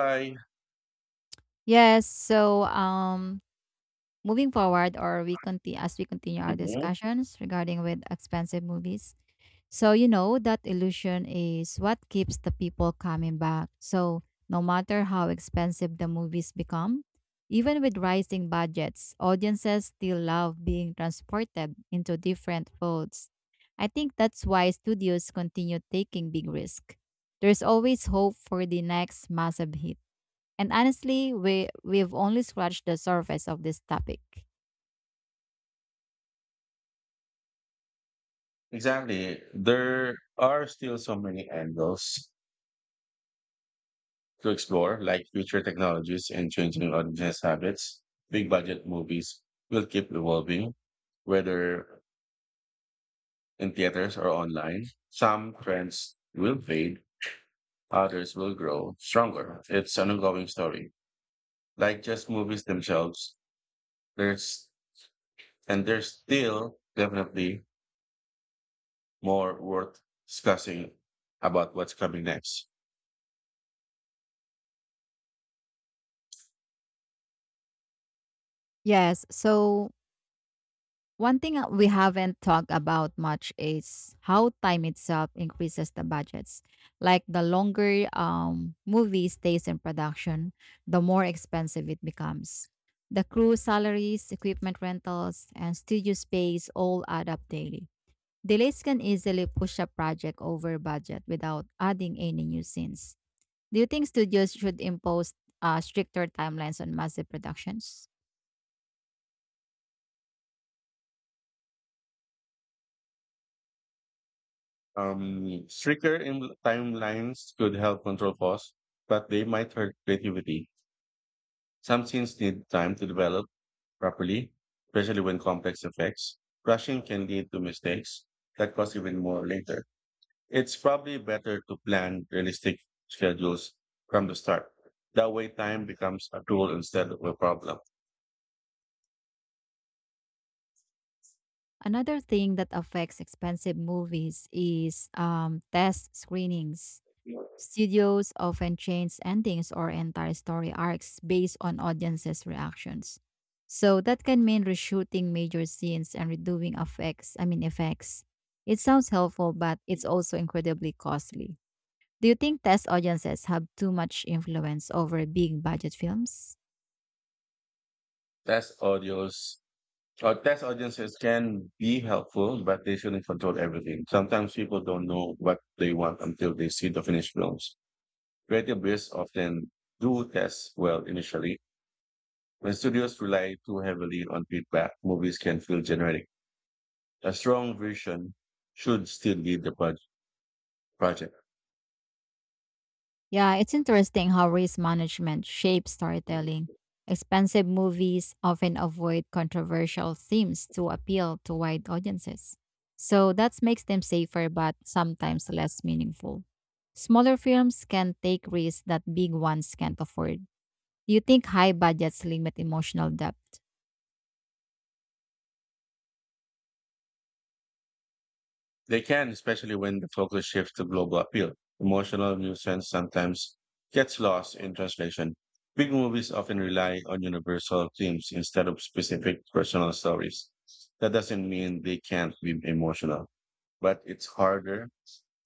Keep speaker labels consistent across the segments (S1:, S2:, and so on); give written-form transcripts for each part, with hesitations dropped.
S1: I
S2: Yes. So, moving forward, or we continue as we continue our
S1: mhm,
S2: discussions regarding with expensive movies. So you know that illusion is what keeps the people coming back. So no matter how expensive the movies become, even with rising budgets, audiences still love being transported into different worlds. I think that's why studios continue taking big risk. There's always hope for the next massive hit. And honestly, we've only scratched the surface of this topic.
S1: exactly. There are still so many angles to explore, like future technologies and changing audience habits. Big budget movies will keep evolving, whether in theaters or online. Some trends will fade, others will grow stronger. It's an ongoing story. Like just movies themselves, there's there's still definitely more worth discussing about what's coming next.
S2: Yes, so one thing that we haven't talked about much is how time itself increases the budgets. Like the longer movie stays in production, the more expensive it becomes. The crew salaries, equipment rentals, and studio space all add up daily. Delays can easily push a project over budget without adding any new scenes. Do you think studios should impose stricter timelines on massive productions?
S1: Stricter in timelines could help control costs, but they might hurt creativity. Some scenes need time to develop properly, especially when complex effects. Rushing can lead to mistakes that cost even more later. It's probably better to plan realistic schedules from the start. That way, time becomes a tool instead of a problem.
S2: Another thing that affects expensive movies is test screenings. Studios often change endings or entire story arcs based on audiences' reactions. So that can mean reshooting major scenes and redoing effects. I mean effects. It sounds helpful, but it's also incredibly costly. Do you think test audiences have too much influence over big budget films?
S1: That's audio's. Test audiences can be helpful, but they shouldn't control everything. Sometimes people don't know what they want until they see the finished films. Creative briefs often do test well initially. When studios rely too heavily on feedback, movies can feel generic. A strong vision should still lead the project.
S2: Yeah, it's interesting how race management shapes storytelling. Expensive movies often avoid controversial themes to appeal to wide audiences. So that makes them safer but sometimes less meaningful. Smaller films can take risks that big ones can't afford. Do you think high budgets limit emotional depth?
S1: They can, especially when the focus shifts to global appeal. Emotional nuisance sometimes gets lost in translation. Big movies often rely on universal themes instead of specific personal stories. That doesn't mean they can't be emotional, but it's harder.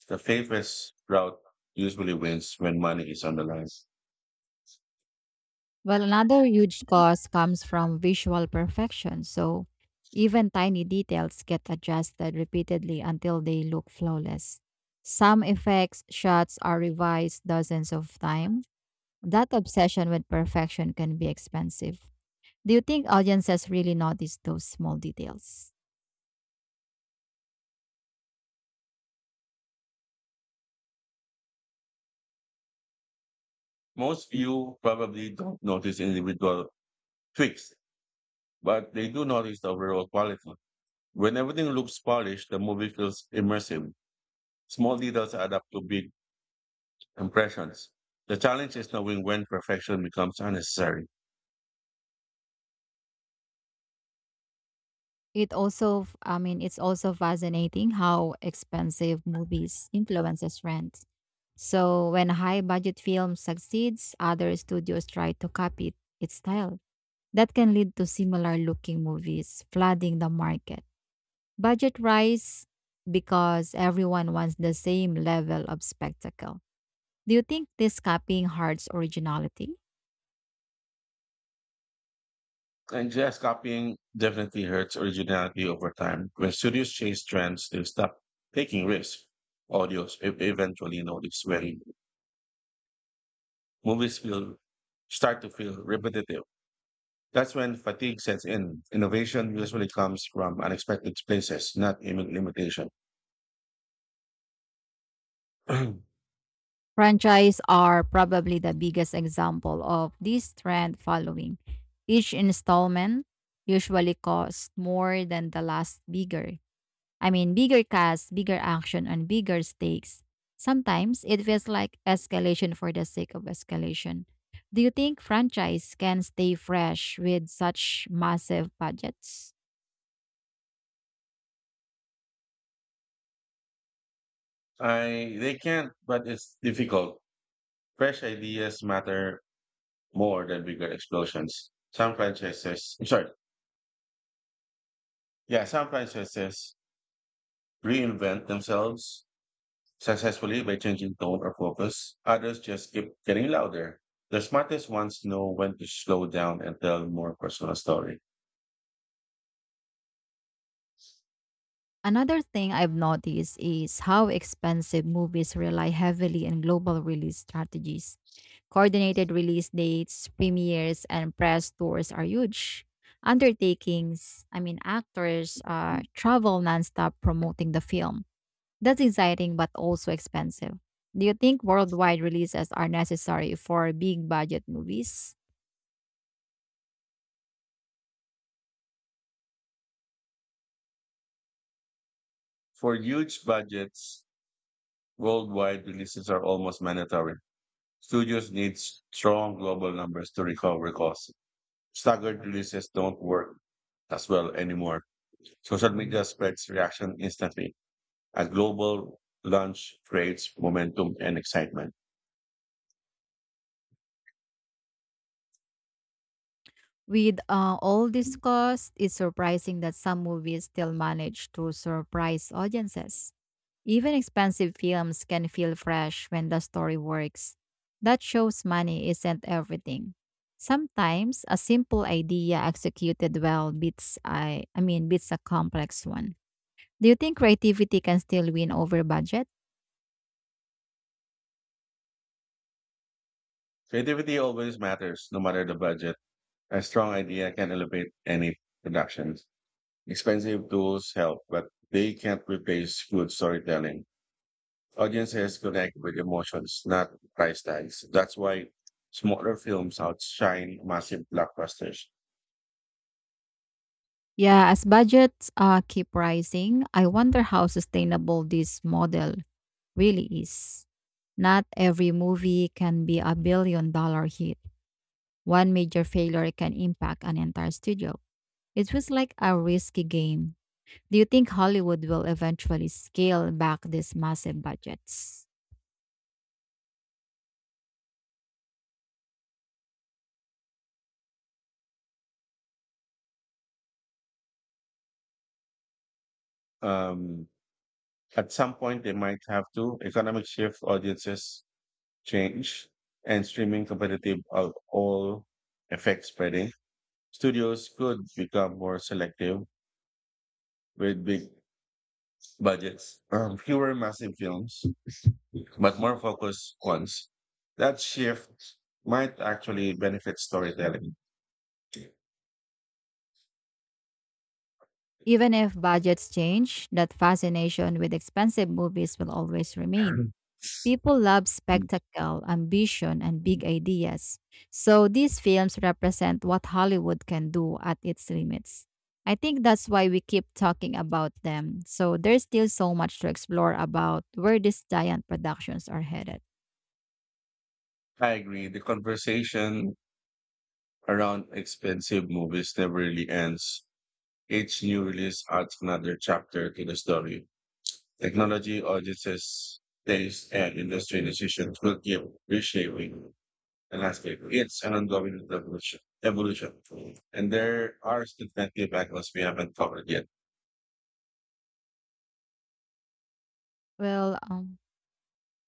S1: The safest route usually wins when money is on the line.
S2: Well, another huge cost comes from visual perfection. So even tiny details get adjusted repeatedly until they look flawless. Some effects shots are revised dozens of times. That obsession with perfection can be expensive. Do you think audiences really notice those small details?
S1: Most people probably don't notice individual tweaks, but they do notice the overall quality. When everything looks polished, the movie feels immersive. Small details add up to big impressions. The challenge is knowing when perfection becomes unnecessary.
S2: I mean, it's also fascinating how expensive movies influences rent. So when a high budget film succeeds, other studios try to copy its style. That can lead to similar looking movies flooding the market. Budget rise because everyone wants the same level of spectacle. Do you think this copying hurts originality?
S1: And just copying definitely hurts originality over time. When studios chase trends, they stop taking risks. Audios eventually notice when movies feel start to feel repetitive. That's when fatigue sets in. Innovation usually comes from unexpected places, not limitation. I
S2: Franchise are probably the biggest example of this trend following. Each installment usually costs more than the last bigger I mean, bigger cast, bigger action, and bigger stakes. Sometimes it feels like escalation for the sake of escalation. Do you think franchise can stay fresh with such massive budgets?
S1: they can't, but it's difficult. Fresh ideas matter more than bigger explosions. Some franchises, I'm sorry, yeah, some franchises reinvent themselves successfully by changing tone or focus. Others just keep getting louder. The smartest ones know when to slow down and tell more personal story.
S2: Another thing I've noticed is how expensive movies rely heavily on global release strategies. Coordinated release dates, premieres, and press tours are huge undertakings. I mean, actors travel nonstop promoting the film. That's exciting but also expensive. Do you think worldwide releases are necessary for big budget movies?
S1: For huge budgets, worldwide releases are almost mandatory. Studios need strong global numbers to recover costs. Staggered releases don't work as well anymore. Social media spreads reaction instantly as global launch creates momentum and excitement.
S2: With all this cost, it's surprising that some movies still manage to surprise audiences. Even expensive films can feel fresh when the story works. That shows money isn't everything. Sometimes a simple idea executed well beats, I mean, beats a complex one. Do you think creativity can still win over budget?
S1: Creativity always matters, no matter the budget. A strong idea can elevate any production. Expensive tools help, but they can't replace good storytelling. Audiences connect with emotions, not price tags. That's why smaller films outshine massive blockbusters.
S2: Yeah, as budgets keep rising, I wonder how sustainable this model really is. Not every movie can be a $1 billion hit. One major failure can impact an entire studio. It feels like a risky game. Do you think Hollywood will eventually scale back these massive budgets?
S1: Um, at some point, they might have to. Economic shift audiences change and streaming competitive of all effects spreading, studios could become more selective with big budgets, fewer massive films, but more focused ones. That shift might actually benefit storytelling.
S2: Even if budgets change, that fascination with expensive movies will always remain. People love
S1: Mm.
S2: spectacle, ambition, and big ideas. So these films represent what Hollywood can do at its limits. I think that's why we keep talking about them. So there's still so much to explore about where these giant productions are headed.
S1: I agree. The conversation around expensive movies never really ends. Each new release adds another chapter to the story. Technology, audiences, taste, and industry decisions will keep reshaping the landscape. It's an ongoing evolution. And there are definitely angles we haven't covered yet.
S2: Well, um,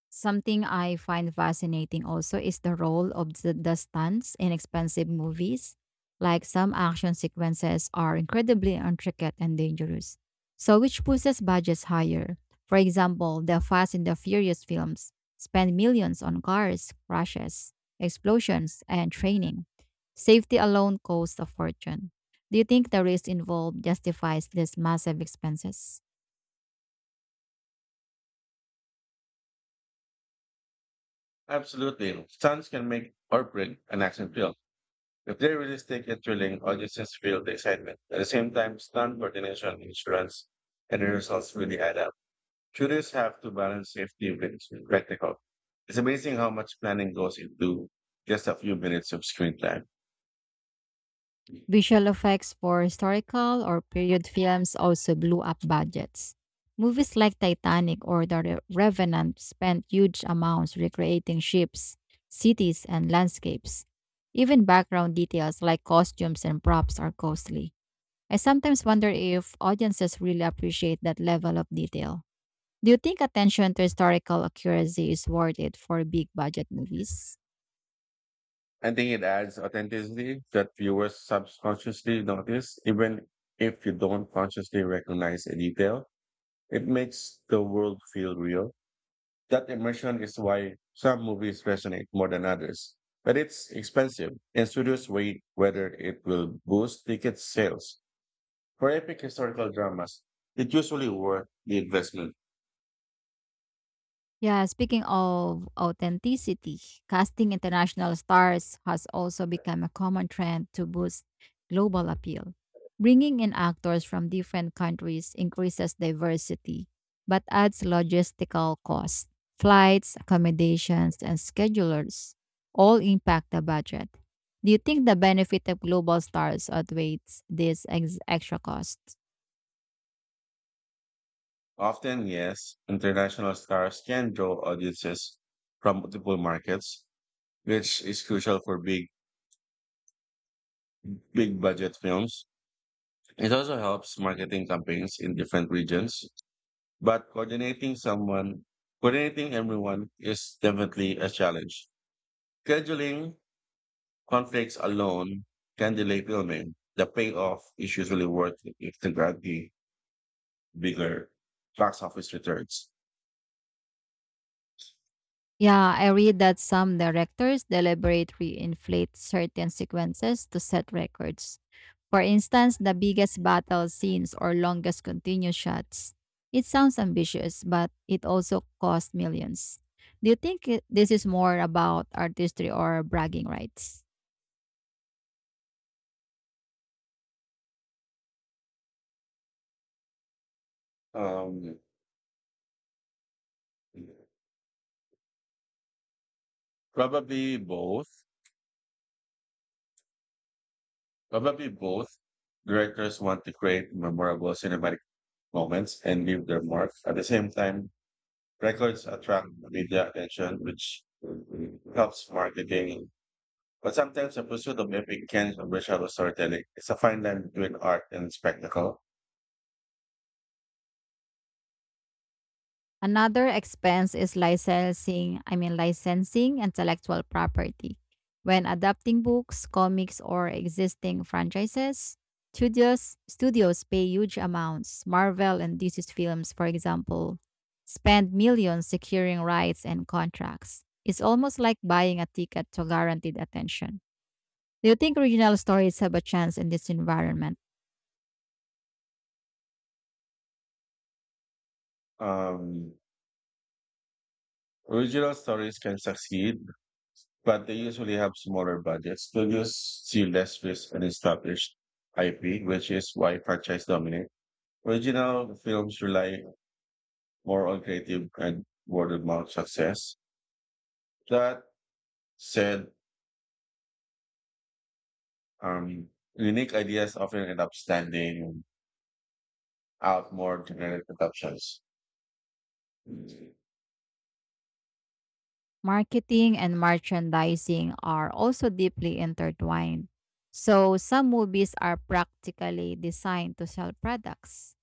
S2: Something I find fascinating also is the role of the stunts in expensive movies. Like some action sequences are incredibly intricate and dangerous, so which pushes budgets higher. For example, the Fast and the Furious films spend millions on cars, crashes, explosions, and training. Safety alone costs a fortune. Do you think the risk involved justifies these massive expenses?
S1: Absolutely. Stunts can make or break an action film. If they're realistic and thrilling, audiences feel the excitement. At the same time, stunt coordination, insurance, and the results really add up. Tourists have to balance safety with spectacle. It's amazing how much planning goes into just a few minutes of screen time.
S2: Visual effects for historical or period films also blew up budgets. Movies like Titanic or The Revenant spent huge amounts recreating ships, cities, and landscapes. Even background details like costumes and props are costly. I sometimes wonder if audiences really appreciate that level of detail. Do you think attention to historical accuracy is worth it for big budget movies?
S1: I think it adds authenticity that viewers subconsciously notice, even if you don't consciously recognize a detail. It makes the world feel real. That immersion is why some movies resonate more than others. But it's expensive, and studios wait whether it will boost ticket sales. For epic historical dramas, it usually worth the investment.
S2: Yeah, speaking of authenticity, casting international stars has also become a common trend to boost global appeal. Bringing in actors from different countries increases diversity, but adds logistical costs. Flights, accommodations, and schedulers all impact the budget. Do you think the benefit of global stars outweighs these extra costs?
S1: Often, yes, international stars can draw audiences from multiple markets, which is crucial for big budget films. It also helps marketing campaigns in different regions, but coordinating everyone is definitely a challenge. Scheduling conflicts alone can delay filming. The payoff is usually worth it to grant the bigger box office returns.
S2: Yeah, I read that some directors deliberately inflate certain sequences to set records. For instance, the biggest battle scenes or longest continuous shots. It sounds ambitious, but it also costs millions. Do you think this is more about artistry or bragging rights?
S1: Um, Probably both. Probably both. Directors want to create memorable cinematic moments and leave their mark. At the same time, records attract media attention, which helps marketing. But sometimes the pursuit of epic can commercial storytelling. It's a fine line between art and spectacle.
S2: Another expense is licensing, I mean licensing intellectual property. When adapting books, comics or existing franchises, studios pay huge amounts. Marvel and DC's films, for example, spend millions securing rights and contracts. It's almost like buying a ticket to guaranteed attention. Do you think original stories have a chance in this environment?
S1: Um, Original stories can succeed, but they usually have smaller budgets. Studios see less risk and established IP, which is why franchise dominate. Original films rely more on creative and word of mouth success. That said, um, unique ideas often end up standing out more than generic adaptations.
S2: Marketing and merchandising are also deeply intertwined. So, some movies are practically designed to sell products.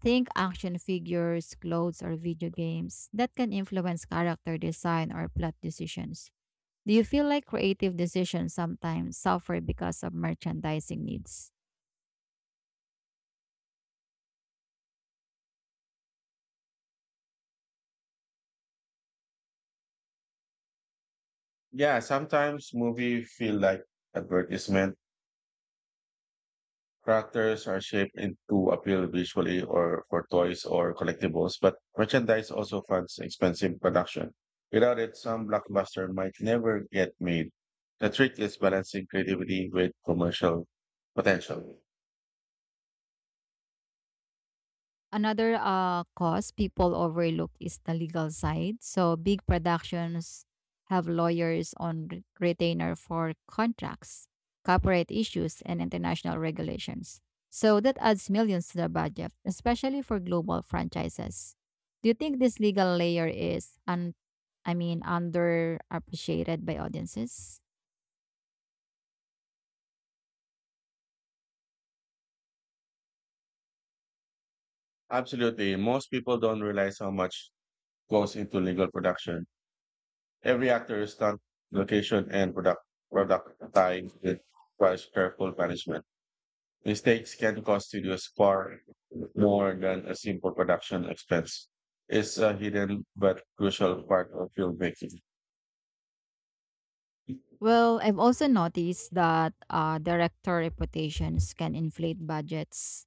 S2: Think action figures, clothes, or video games that can influence character design or plot decisions. Do you feel like creative decisions sometimes suffer because of merchandising needs?
S1: Yeah, sometimes movie feel like advertisement. Characters are shaped in to appeal visually or for toys or collectibles, but merchandise also funds expensive production. Without it, some blockbuster might never get made. The trick is balancing creativity with commercial potential.
S2: Another cause people overlook is the legal side. So big productions have lawyers on retainer for contracts, corporate issues, and international regulations. So that adds millions to the budget, especially for global franchises. Do you think this legal layer is, I mean, underappreciated by audiences?
S1: Absolutely. Most people don't realize how much goes into legal production. Every actor is stunt, location, and product tied requires careful management. Mistakes can cost studios far more than a simple production expense. It's a hidden but crucial part of filmmaking.
S2: Well, I've also noticed that director reputations can inflate budgets.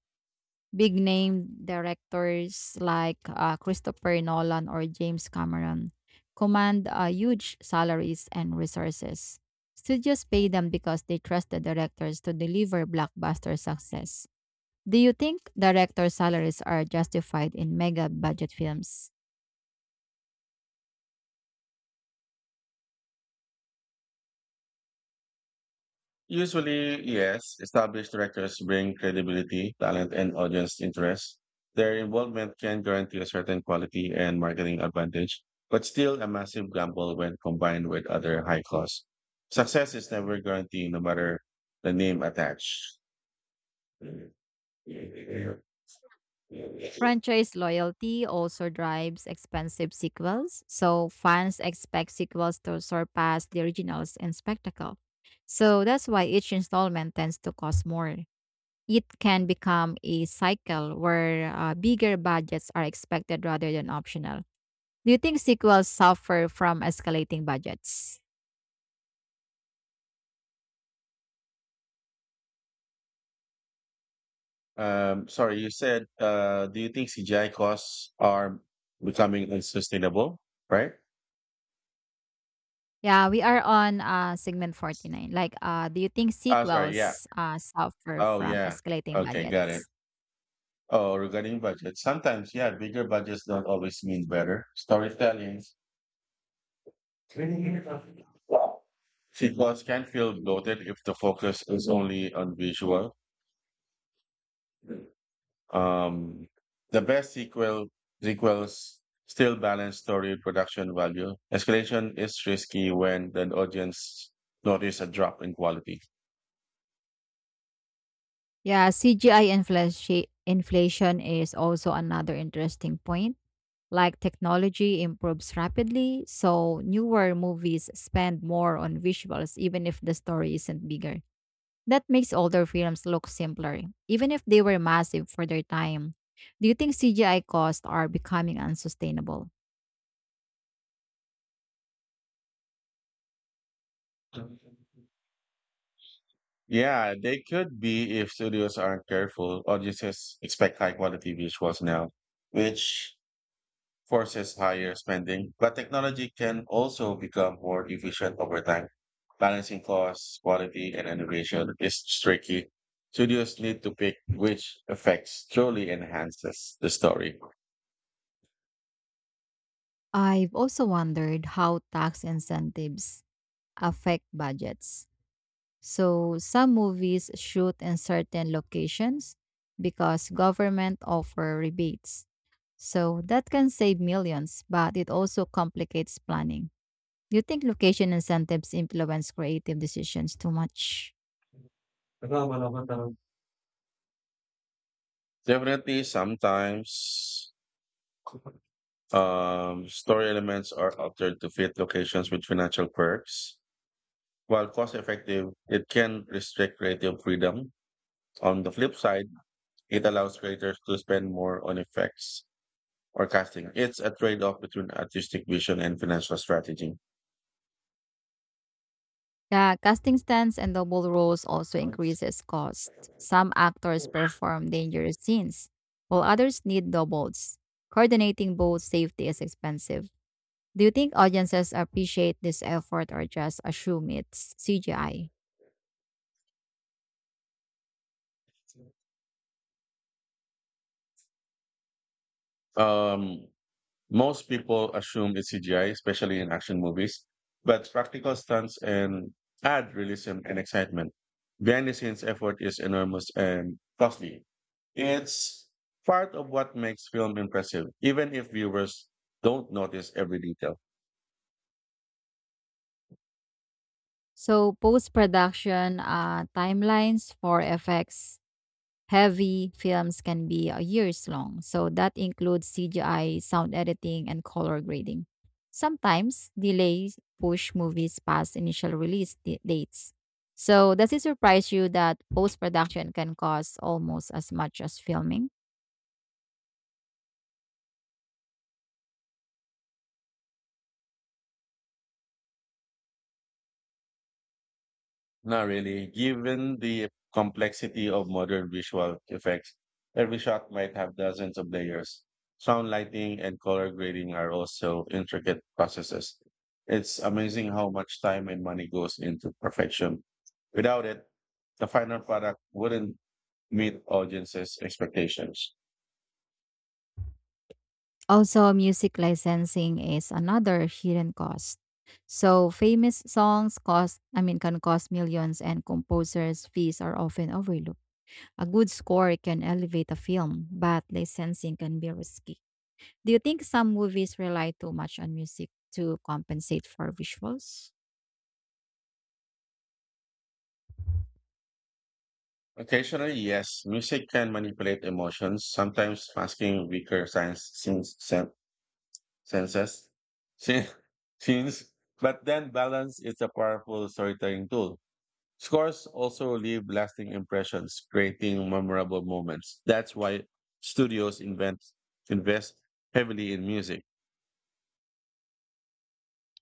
S2: Big name directors like Christopher Nolan or James Cameron command huge salaries and resources. Studios pay them because they trust the directors to deliver blockbuster success. Do you think director salaries are justified in mega budget films?
S1: Usually, yes, established directors bring credibility, talent, and audience interest. Their involvement can guarantee a certain quality and marketing advantage, but still a massive gamble when combined with other high costs. Success is never guaranteed, no matter the name attached.
S2: Franchise loyalty also drives expensive sequels, so fans expect sequels to surpass the originals in spectacle. So that's why each installment tends to cost more. It can become a cycle where bigger budgets are expected rather than optional. Do you think sequels suffer from escalating budgets?
S1: Sorry, you said, do you think CGI costs are becoming unsustainable, right?
S2: Yeah, we are on segment 49. Like, do you think
S1: Oh, sorry, yeah.
S2: sequels suffer
S1: Oh,
S2: from
S1: yeah.
S2: escalating
S1: Okay, got it.
S2: budgets?
S1: Oh, regarding budget, sometimes, yeah, bigger budgets don't always mean better storytelling. Sequels can feel bloated if the focus is only on visual. Um, the best sequel sequels still balance story production value. Escalation is risky when the audience notice a drop in quality.
S2: Yeah, CGI inflation is also another interesting point. Like technology improves rapidly, so newer movies spend more on visuals even if the story isn't bigger. That makes older films look simpler, even if they were massive for their time. Do you think CGI costs are becoming unsustainable?
S1: Yeah, they could be if studios aren't careful. Audiences expect high quality visuals now, which forces higher spending, but technology can also become more efficient over time. Balancing costs, quality, and innovation is tricky. Studios need to pick which effects truly enhances the story.
S2: I've also wondered how tax incentives affect budgets. So some movies shoot in certain locations because government offer rebates. So that can save millions, but it also complicates planning. Do you think location incentives influence creative decisions too much?
S1: Definitely, sometimes story elements are altered to fit locations with financial perks. While cost effective, it can restrict creative freedom. On the flip side, it allows creators to spend more on effects or casting. It's a trade off between artistic vision and financial strategy.
S2: Yeah, casting stunts and double roles also increases cost. Some actors perform dangerous scenes, while others need doubles. Coordinating both safety is expensive. Do you think audiences appreciate this effort or just assume it's CGI?
S1: Um, Most people assume it's CGI, especially in action movies, but practical stunts and add realism and excitement. Behind the scenes effort is enormous and costly. It's part of what makes film impressive, even if viewers don't notice every detail.
S2: So post-production timelines for effects heavy films can be years long, so that includes CGI, sound editing, and color grading. Sometimes delays push movies past initial release dates. So, does it surprise you that post production can cost almost as much as filming?
S1: Not really. Given the complexity of modern visual effects, every shot might have dozens of layers. Sound lighting and color grading are also intricate processes. It's amazing how much time and money goes into perfection. Without it, the final product wouldn't meet audiences' expectations.
S2: Also, music licensing is another hidden cost. So, famous songs cost, I mean, can cost millions, and composers' fees are often overlooked. A good score can elevate a film, but licensing can be risky. Do you think some movies rely too much on music to compensate for visuals?
S1: Occasionally, yes, music can manipulate emotions, sometimes masking weaker signs, senses. Si- Scenes, but then balance is a powerful storytelling tool. Scores also leave lasting impressions, creating memorable moments. That's why studios invent invest heavily in music.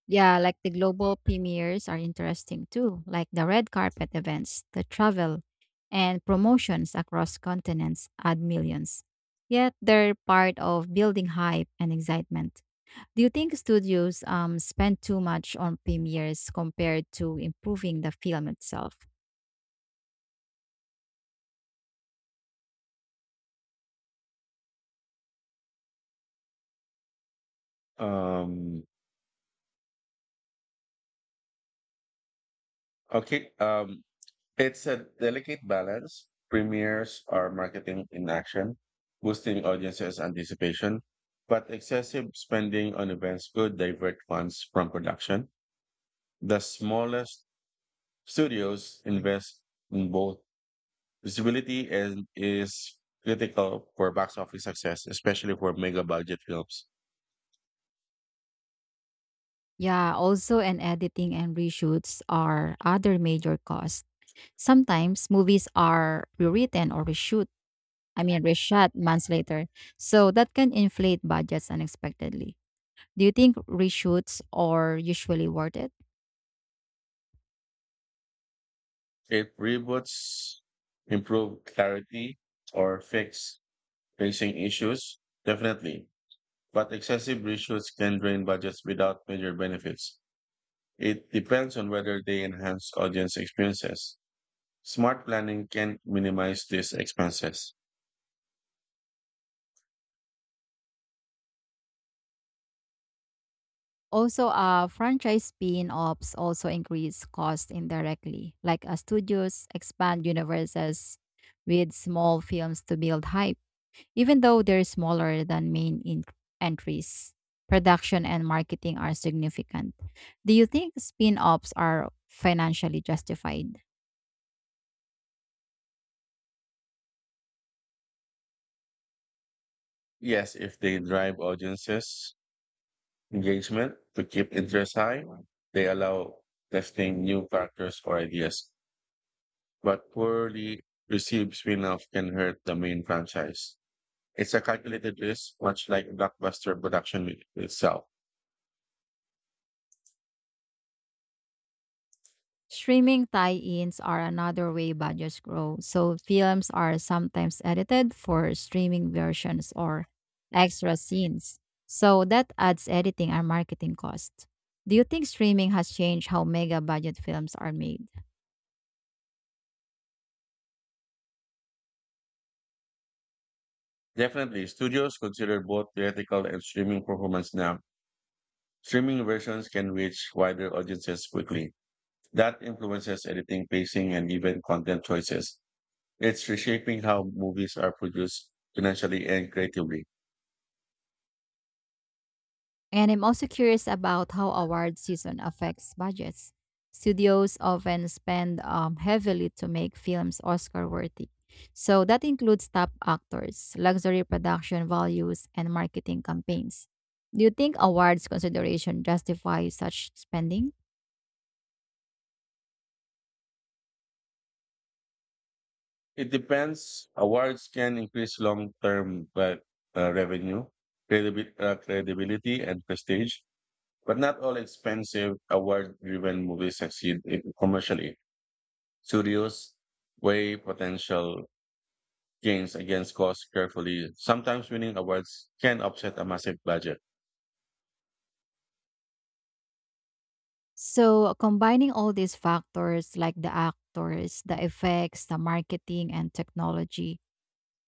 S2: Yeah, like the global premieres are interesting too, like the red carpet events, the travel, and promotions across continents add millions. Yet they're part of building hype and excitement. Do you think studios spend too much on premieres compared to improving the film itself?
S1: Um, okay, it's a delicate balance. Premieres are marketing in action, boosting audiences' anticipation, but excessive spending on events could divert funds from production. The smallest Studios invest in both visibility and is critical for box office success, especially for mega budget films.
S2: Yeah, also and editing and reshoots are other major costs. Sometimes movies are rewritten or reshoot, I mean reshot months later. So that can inflate budgets unexpectedly. Do you think reshoots are usually worth it?
S1: If reboots improve clarity or fix facing issues, definitely. But excessive reshoots can drain budgets without major benefits. It depends on whether they enhance audience experiences. Smart planning can minimize these expenses.
S2: Also, franchise spin-offs also increase costs indirectly, like studios expand universes with small films to build hype. Even though they're smaller than main entries, production and marketing are significant. Do you think spin offs are financially justified?
S1: Yes, if they drive audiences engagement to keep interest high. They allow testing new characters or ideas, but poorly received spin-off can hurt the main franchise. It's a calculated risk, much like blockbuster production itself.
S2: Streaming tie-ins are another way budgets grow. So films are sometimes edited for streaming versions or extra scenes. So that adds editing and marketing cost. Do you think streaming has changed how mega budget films are made?
S1: Definitely, studios consider both theatrical and streaming performance now. Streaming versions can reach wider audiences quickly. That influences editing, pacing, and even content choices. It's reshaping how movies are produced financially and creatively.
S2: And I'm also curious about how award season affects budgets. Studios often spend heavily to make films Oscar worthy. So that includes top actors, luxury production values, and marketing campaigns. Do you think awards consideration justifies such spending?
S1: It depends. Awards can increase long-term but, revenue, credibility, and prestige, but not all expensive award-driven movies succeed in- commercially. Studios weigh potential gains against costs carefully. Sometimes winning awards can offset a massive budget.
S2: So combining all these factors like the actors, the effects, the marketing, and technology,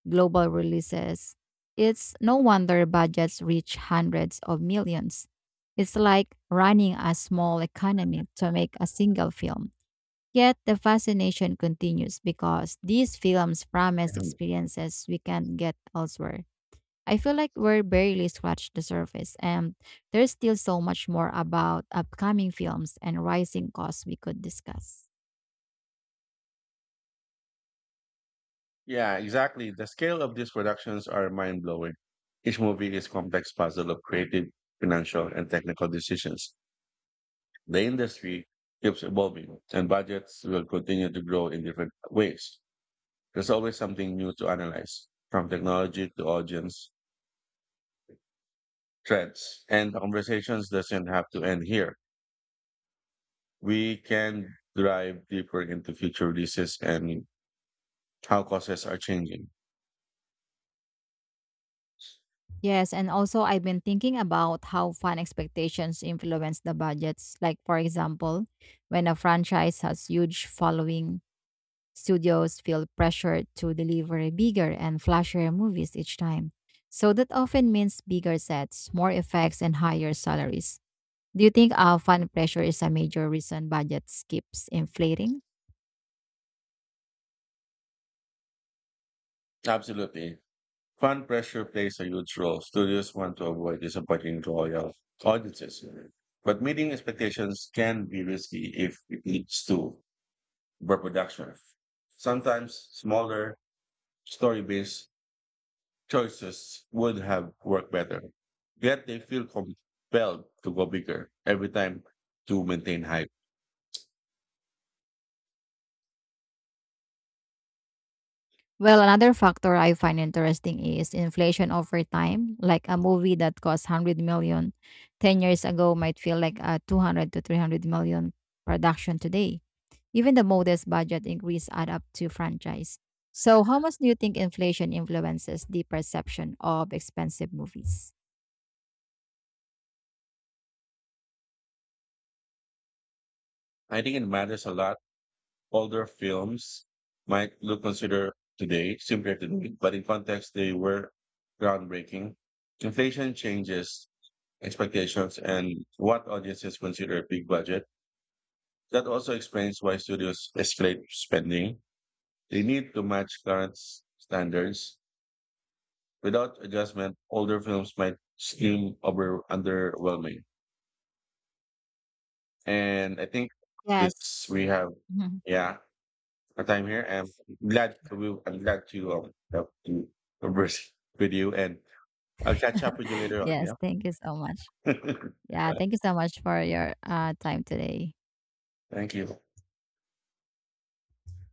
S2: global releases, it's no wonder budgets reach hundreds of millions. It's like running a small economy to make a single film. Yet the fascination continues because these films promise
S1: Mhm.
S2: experiences we can't get elsewhere. I feel like we're barely scratched the surface, and there's still so much more about upcoming films and rising costs we could discuss.
S1: Yeah, exactly. The scale of these productions are mind-blowing. Each movie is complex puzzle of creative, financial, and technical decisions. The industry keeps evolving and budgets will continue to grow in different ways. There's always something new to analyze, from technology to audience trends. And the conversations doesn't have to end here. We can dive deeper into future releases and how causes are changing.
S2: Yes, and also I've been thinking about how fan expectations influence the budgets. Like for example, when a franchise has huge following, studios feel pressured to deliver a bigger and flashier movies each time. So that often means bigger sets, more effects, and higher salaries. Do you think our fan pressure is a major reason budgets keeps inflating?
S1: Absolutely. Fund pressure plays a huge role. Studios want to avoid disappointing loyal audiences. But meeting expectations can be risky if it leads to reproduction. Sometimes smaller story based choices would have worked better, yet they feel compelled to go bigger every time to maintain hype.
S2: Well, another factor I find interesting is inflation over time. Like a movie that cost one hundred million ten years ago might feel like a 200 to 300 million production today. Even the modest budget increase add up to franchise. So, how much do you think inflation influences the perception of expensive movies?
S1: I think it matters a lot. Older films might look considered today simpler today, but in context, they were groundbreaking. Inflation changes expectations and what audiences consider a big budget. That also explains why studios escalate spending. They need to match current standards. Without adjustment, older films might seem over underwhelming. And I think
S2: Yes.
S1: this we have yeah, a time here. And I'm glad to have to converse with you and I'll catch up with you later on,
S2: Yes,
S1: yeah.
S2: thank you so much. Yeah,
S1: But
S2: thank you so much for your time today.
S1: thank you.